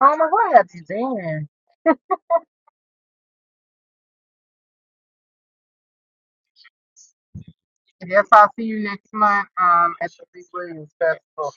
Oh my God, you did. Yes, I'll see you next month um, at the Lee Williams Festival.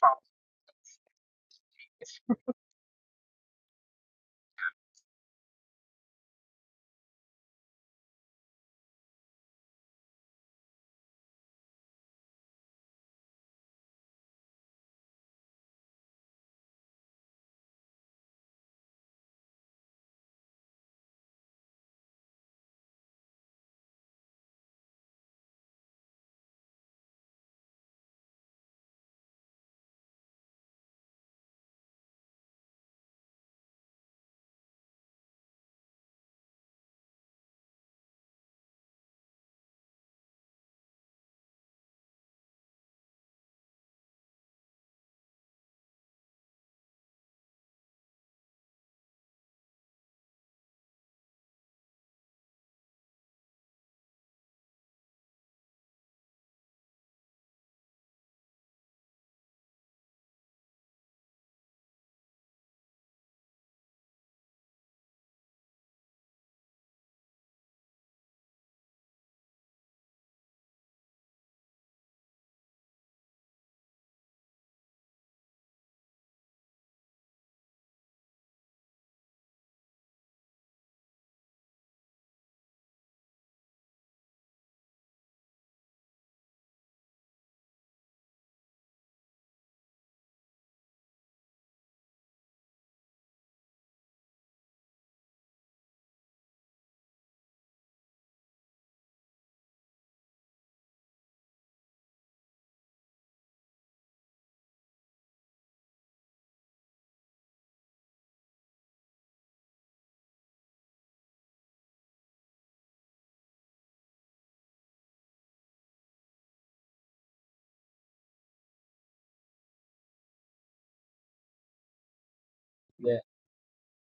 Yeah.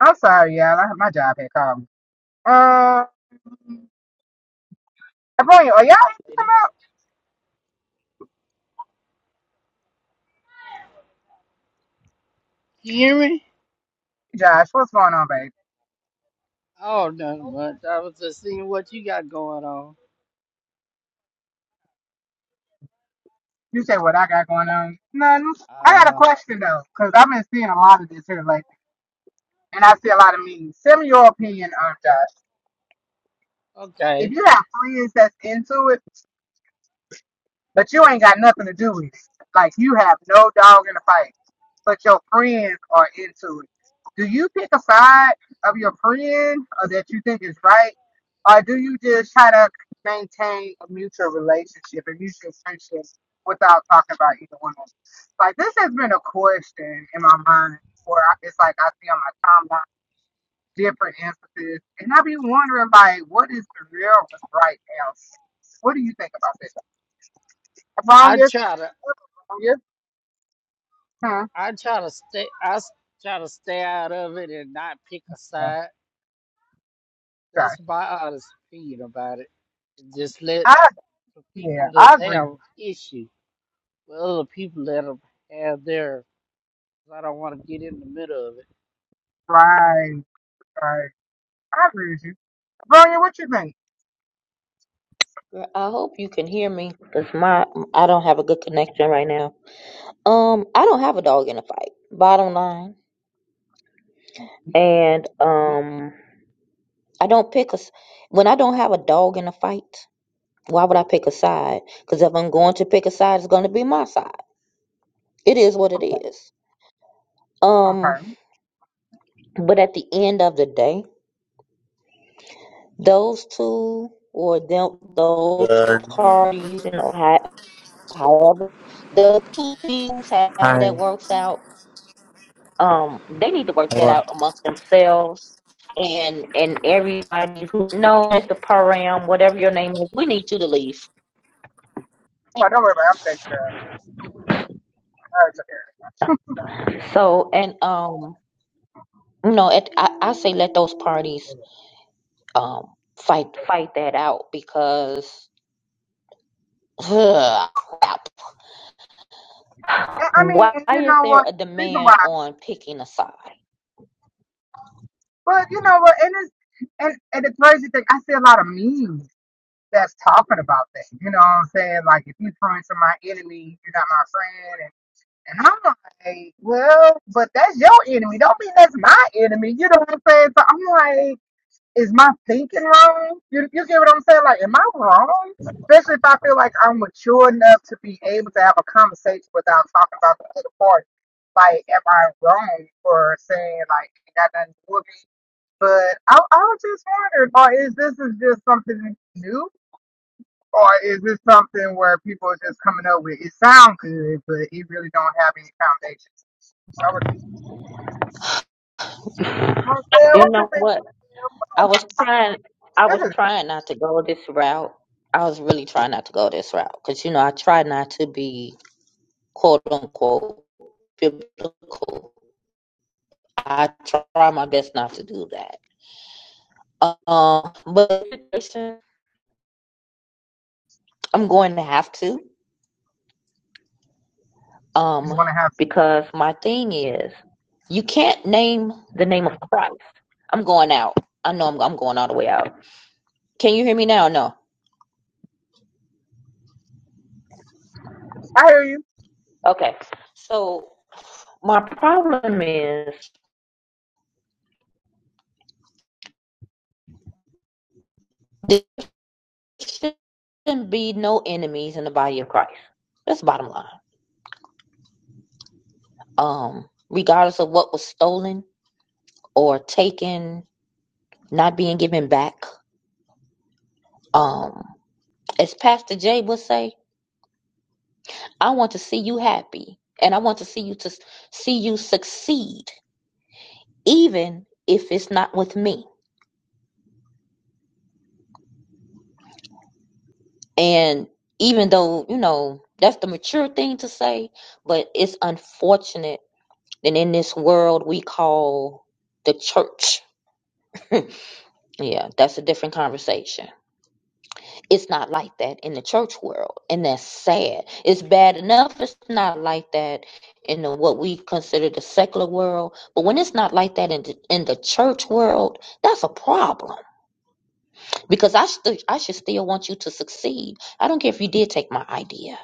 I'm sorry, y'all. I, my job had called me. Um, Abronia, are y'all able to come lady. out? You hear me? Josh, what's going on, babe? Oh, nothing much. I was just seeing what you got going on. You say what I got going on? Nothing. I Uh got a huh. question though, because I've been seeing a lot of this here lately, and I see a lot of memes. Send me your opinion on Josh. If Okay. you have friends that's into it, But you ain't got nothing to do with it. Like you have no dog in the fight. But your friends are into it. Do you pick a side of your friend or that you think is right? Or do you just try to maintain a mutual relationship, a mutual friendship without talking about either one of them? Like this has been a question in my mind where I, it's like I see on my timeline different instances. And I be wondering like what is the real right now? What do you think about that? Wrong I year. try to, Wrong year. Huh. I, I try to stay, I s- try to stay out of it and not pick a Yeah. side. Sorry. That's my honest opinion about it. And just let I the yeah. people that I agree with have you. issue with other people let them have their. I don't want to get in the middle of it. Right. Right. I agree with you. Wrong year. What you think? Girl, I hope you can hear me because my I don't have a good connection right now. Um, I don't have a dog in a fight. Bottom line, and um, I don't pick a s- when I don't have a dog in a fight. Why would I pick a side? Because if I'm going to pick a side, it's going to be my side. It is what it Okay. is. Um, Okay. but at the end of the day, those two or them those parties and how, however those two things however Hi. that works out um they need to work How that are out amongst themselves and and everybody who knows the program, whatever your name is, we need you to leave. Well, don't worry about it. I'm taking care of it. I'll care So and um you know at, I, I say let those parties of it. um fight fight that out because ugh, crap. And, I mean, Why and you is know there what? a Reason why. demand on picking a side? But you know what? And it's and and the crazy thing. I see a lot of memes that's talking about that. You know what I'm saying? Like if you friend to my enemy, you're not my friend. And I'm like, well, but that's your enemy. Don't mean that's my enemy. You know what I'm saying? So I'm like, is my thinking wrong? You, you get what I'm saying? Like, am I wrong? Especially if I feel like I'm mature enough to be able to have a conversation without talking about the other party. Like, am I wrong for saying like ain't got nothing to do with me? But I, I was just wondering, or is this is just something new? Or is this something where people are just coming up with it sound good, but it really don't have any foundation? conversation. You know what I'm saying? You What's your know favorite? what? I was trying, I This was is trying not to go this route. I was really trying not to go this route because, you know, I try not to be quote unquote biblical. I try my best not to do that. Um, but I'm going to have to, you um, want to have. Some, because my thing is, you can't name the name of Christ. I'm going out. I know I'm, I'm going all the way out. Can you hear me now? No. I hear you. Okay. So my problem is. shouldn't be no enemies in the body of Christ. That's the bottom line. Um, regardless of what was stolen or taken, not being given back. Um, as Pastor Jay would say, I want to see you happy, and I want to see you to see you succeed, even if it's not with me. And even though you know that's the mature thing to say, but it's unfortunate that in this world we call the church Yeah, that's a different conversation. It's not like that in the church world, and that's sad. It's bad enough it's not like that in the, what we consider the secular world, but when it's not like that in the, in the church world, that's a problem. Because I st- I should still want you to succeed. I don't care if you did take my idea.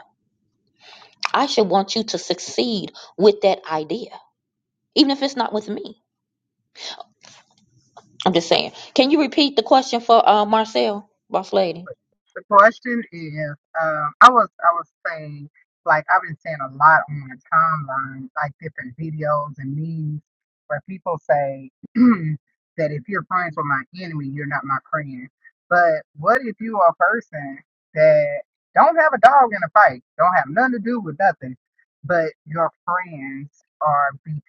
I should want you to succeed with that idea, even if it's not with me. I'm just saying. Can you repeat the question for uh, Marcel, boss lady? But the question is, um, I was I was saying like I've been seeing a lot on the timeline, like different videos and memes where people say that if you're friends with my enemy, you're not my friend. But what if you are a person that don't have a dog in a fight, don't have nothing to do with nothing, but your friends are beefing?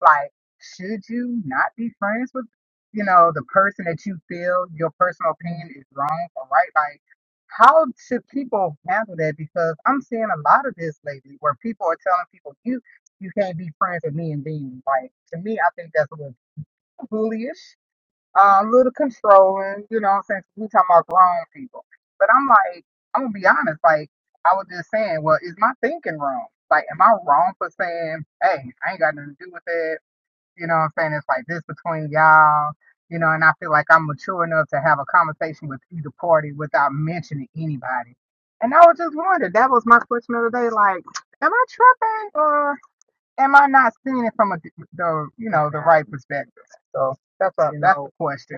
Like, should you not be friends with, you know, the person that you feel your personal opinion is wrong or right? Like, how should people handle that? Because I'm seeing a lot of this lately where people are telling people, you you can't be friends with me and being like, to me, I think that's a little bullyish, uh, a little controlling, you know what I'm saying? we talking about grown people. But I'm like, I'm going to be honest, like, I was just saying, well, is my thinking wrong? Like, am I wrong for saying, hey, I ain't got nothing to do with that? You know what I'm saying? It's like this between y'all. You know, and I feel like I'm mature enough to have a conversation with either party without mentioning anybody. And I was just wondering, that was my question of the day. Like, am I tripping or am I not seeing it from a, the, you know, the right perspective? So that's a, that's the question.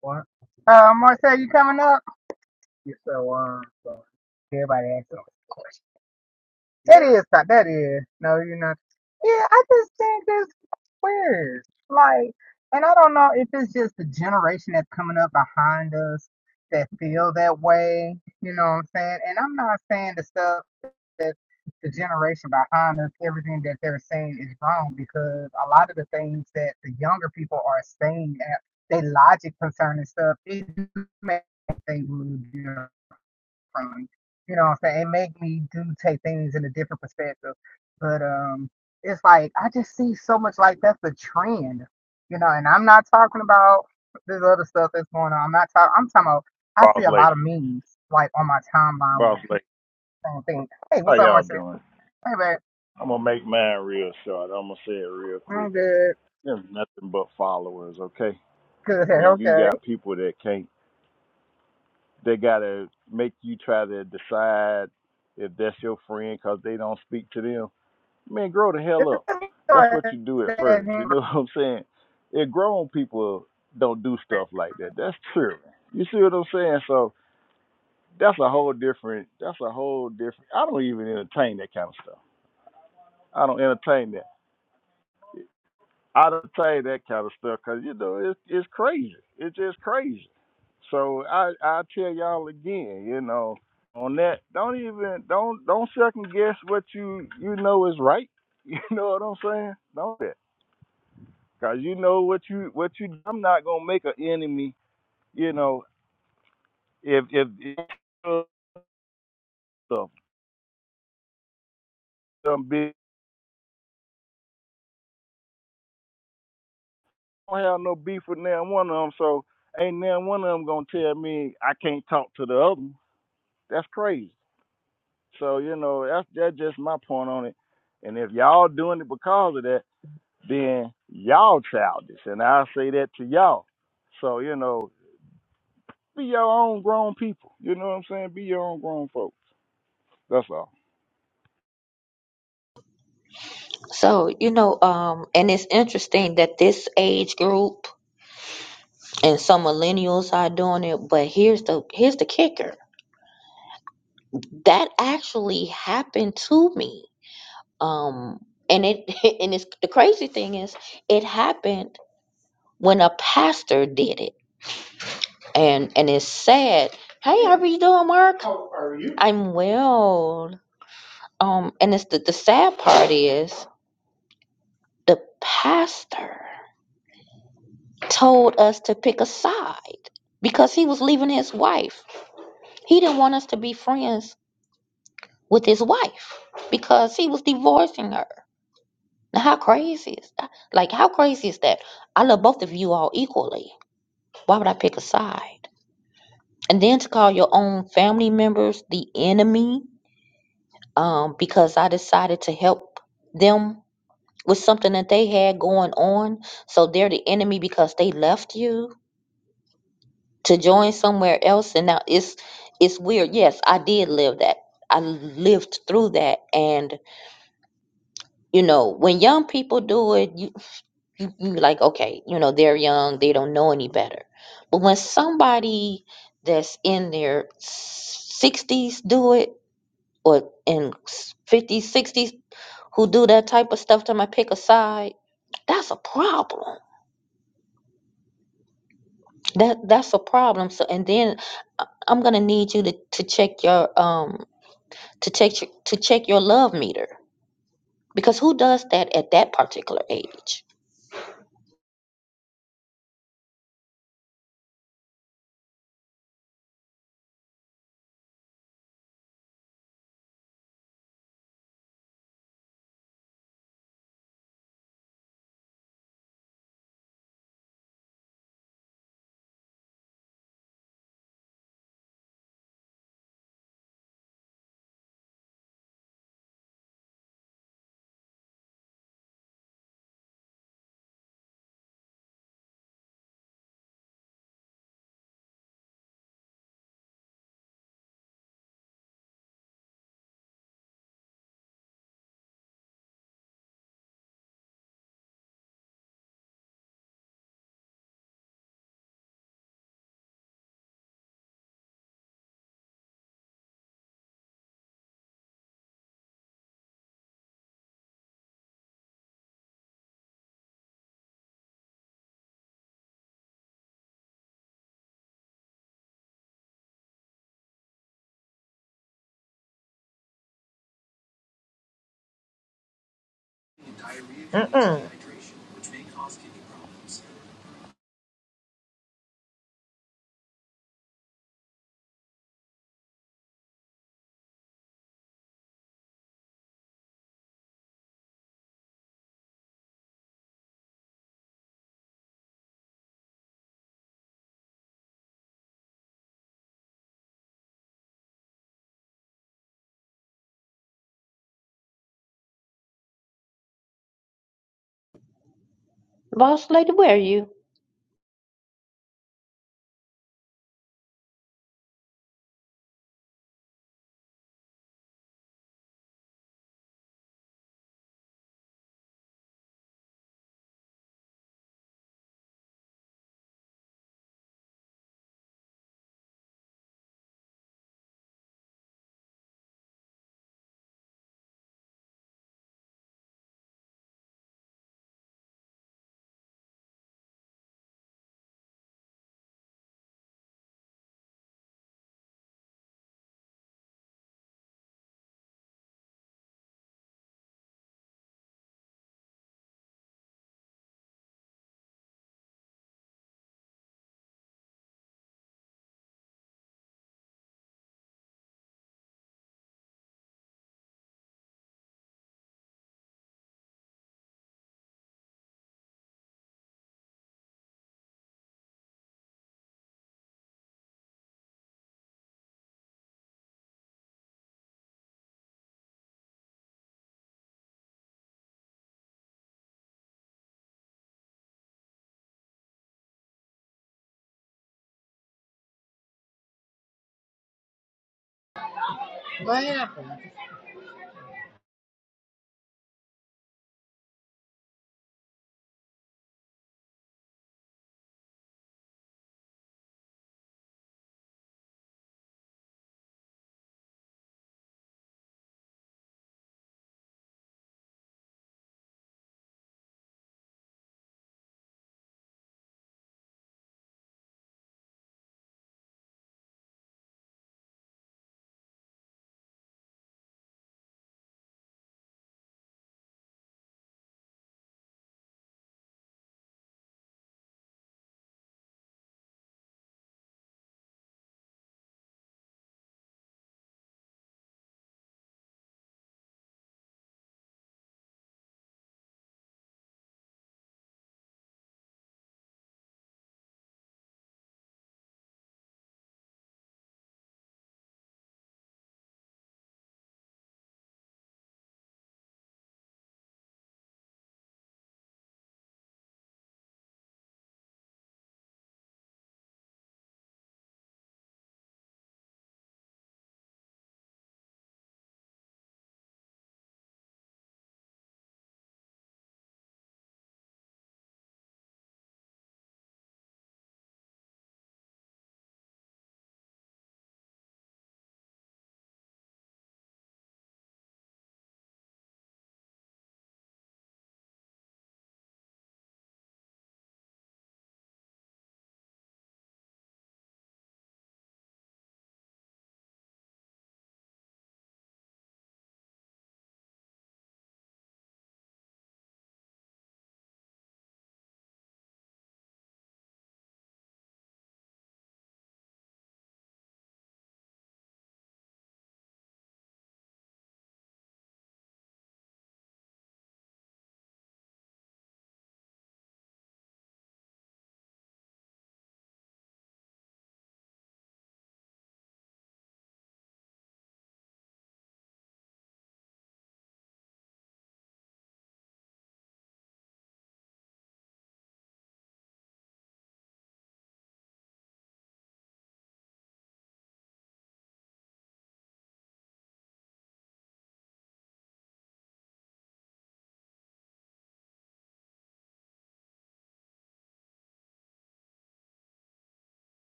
What? Uh, Marcel, you coming up? You so um, so everybody asks a question. That is not. That is. No, you're not. Yeah, I just think that's weird. Like, and I don't know if it's just the generation that's coming up behind us that feel that way. You know what I'm saying? And I'm not saying the stuff that the generation behind us, everything that they're saying is wrong because a lot of the things that the younger people are saying, uh, they logic concerning stuff, it do make things from. You know what I'm saying? It make me do take things in a different perspective. But um it's like I just see so much like that's the trend. You know, and I'm not talking about this other stuff that's going on. I'm not talking I'm talking about I see Boss a lot lady, of memes like on my timeline where boss people lady, think, Hey, how what's up, y'all Marcel? doing? Hey man, I'm gonna make mine real short. I'm gonna say it real quick. I'm good. There's nothing but followers, okay? Good, When you okay. got people that can't, they gotta make you try to decide if that's your friend because they don't speak to them. Man, grow the hell up. That's what you do at Can first. You know what I'm saying? If grown people don't do stuff like that, that's true. You see what I'm saying? So that's a whole different. That's a whole different. I don't even entertain that kind of stuff. I don't entertain that. I don't entertain that kind of stuff because you know it's it's crazy. It's just crazy. So I I tell y'all again, you know, on that, don't even don't don't second guess what you you know is right. You know what I'm saying? Don't that because you know what you what you. I'm not gonna make an enemy. You know, if if, if some big I don't have no beef with now one of them, so ain't now one of them gonna tell me I can't talk to the other. one. That's crazy. So you know that's that's just my point on it. And if y'all doing it because of that, then y'all childish, and I say that to y'all. So you know, be your own grown people. You know what I'm saying? Be your own grown folks. That's all. So, you know, um, and it's interesting that this age group and some millennials are doing it, but here's the here's the kicker. That actually happened to me. Um, and it and it's the crazy thing is it happened when a pastor did it. And and it's sad. Hey, how are you doing, Mark? How are you? I'm well. Um, and it's the, the sad part is the pastor. told us to pick a side because he was leaving his wife. He didn't want us to be friends with his wife because he was divorcing her. Now, how crazy is that? Like, how crazy is that? I love both of you all equally. Why would I pick a side? And then to call your own family members the enemy um, because I decided to help them with something that they had going on. So they're the enemy because they left you to join somewhere else and now it's it's weird yes i did live that i lived through that and you know when young people do it you, you you like okay you know they're young they don't know any better but when somebody that's in their 60s do it or in 50s 60s who do that type of stuff to my pick a side that's a problem that that's a problem so and then i'm gonna need you to, to check your um to check your- to check your love meter because who does that at that particular age? Mm-mm. Boss lady, where are you? What happened?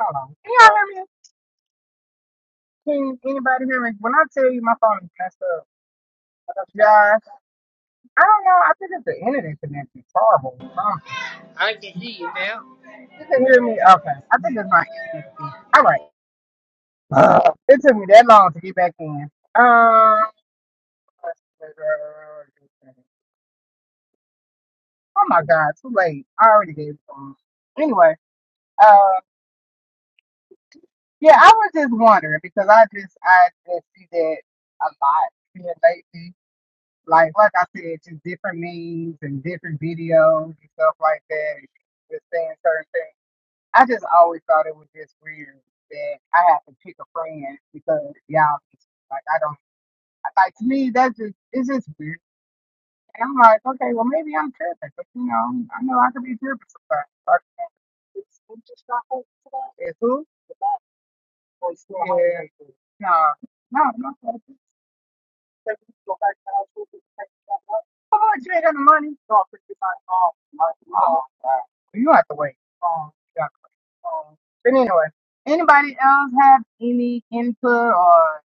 y'all hear me? Can anybody hear me? When I tell you my phone is messed up, yeah, I don't know. I think it's the internet connection. horrible. Um, I can hear you now. you can hear me? Okay. I think it's my connection. All right. Uh, it took me that long to get back in. Um, oh my God, too late. I already gave up on it. to him. Anyway, uh, yeah, I was just wondering because I just, I just see that a lot here lately. Like, like I said, just different memes and different videos and stuff like that. and Just saying certain things. I just always thought it was just weird that I have to pick a friend because y'all just, like I don't like to me that's just it's just weird. And I'm like, okay, well maybe I'm tripping, but you know, I know I could be tripping sometimes. Like, It's it's just not hope for that. It's who? It's not- it's not- Yeah. No, no, no. Then we you ain't got the money? No, fifty-five. Oh, my God. Wow. You have to wait. Oh, yeah. Um, but anyway, anybody else have any input or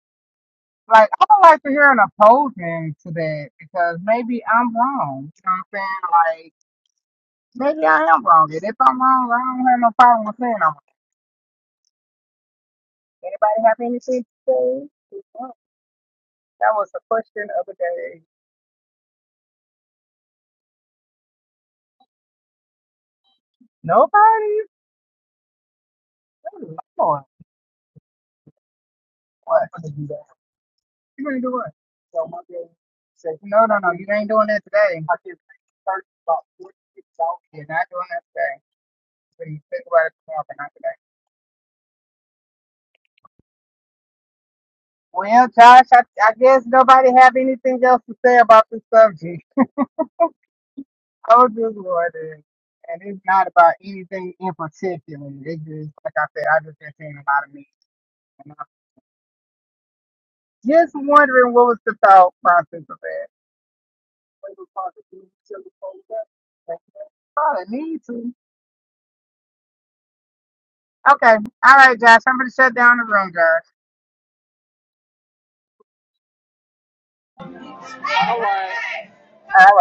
like I would like to hear an opposing to that because maybe I'm wrong. You know what I'm saying? Like maybe I am wrong. And if I'm wrong, I don't have no problem with saying I'm wrong. Anybody have anything to say? That was the question of the day. Nobody? Oh, Lord. What? You gonna do what? So my girl said, No, no, no, you ain't doing that today. I just searched about 46 dollars. You're not doing that today. But you think about it tomorrow, but not today. Well, Josh, I, I guess nobody have anything else to say about this subject. Oh, good Lord. And and it's not about anything in particular. It just, like I said, I just been seeing a lot of me. And I'm just wondering what was the thought process of that. Probably need to. Okay. All right, Josh. I'm going to shut down the room, Josh. All right. Uh,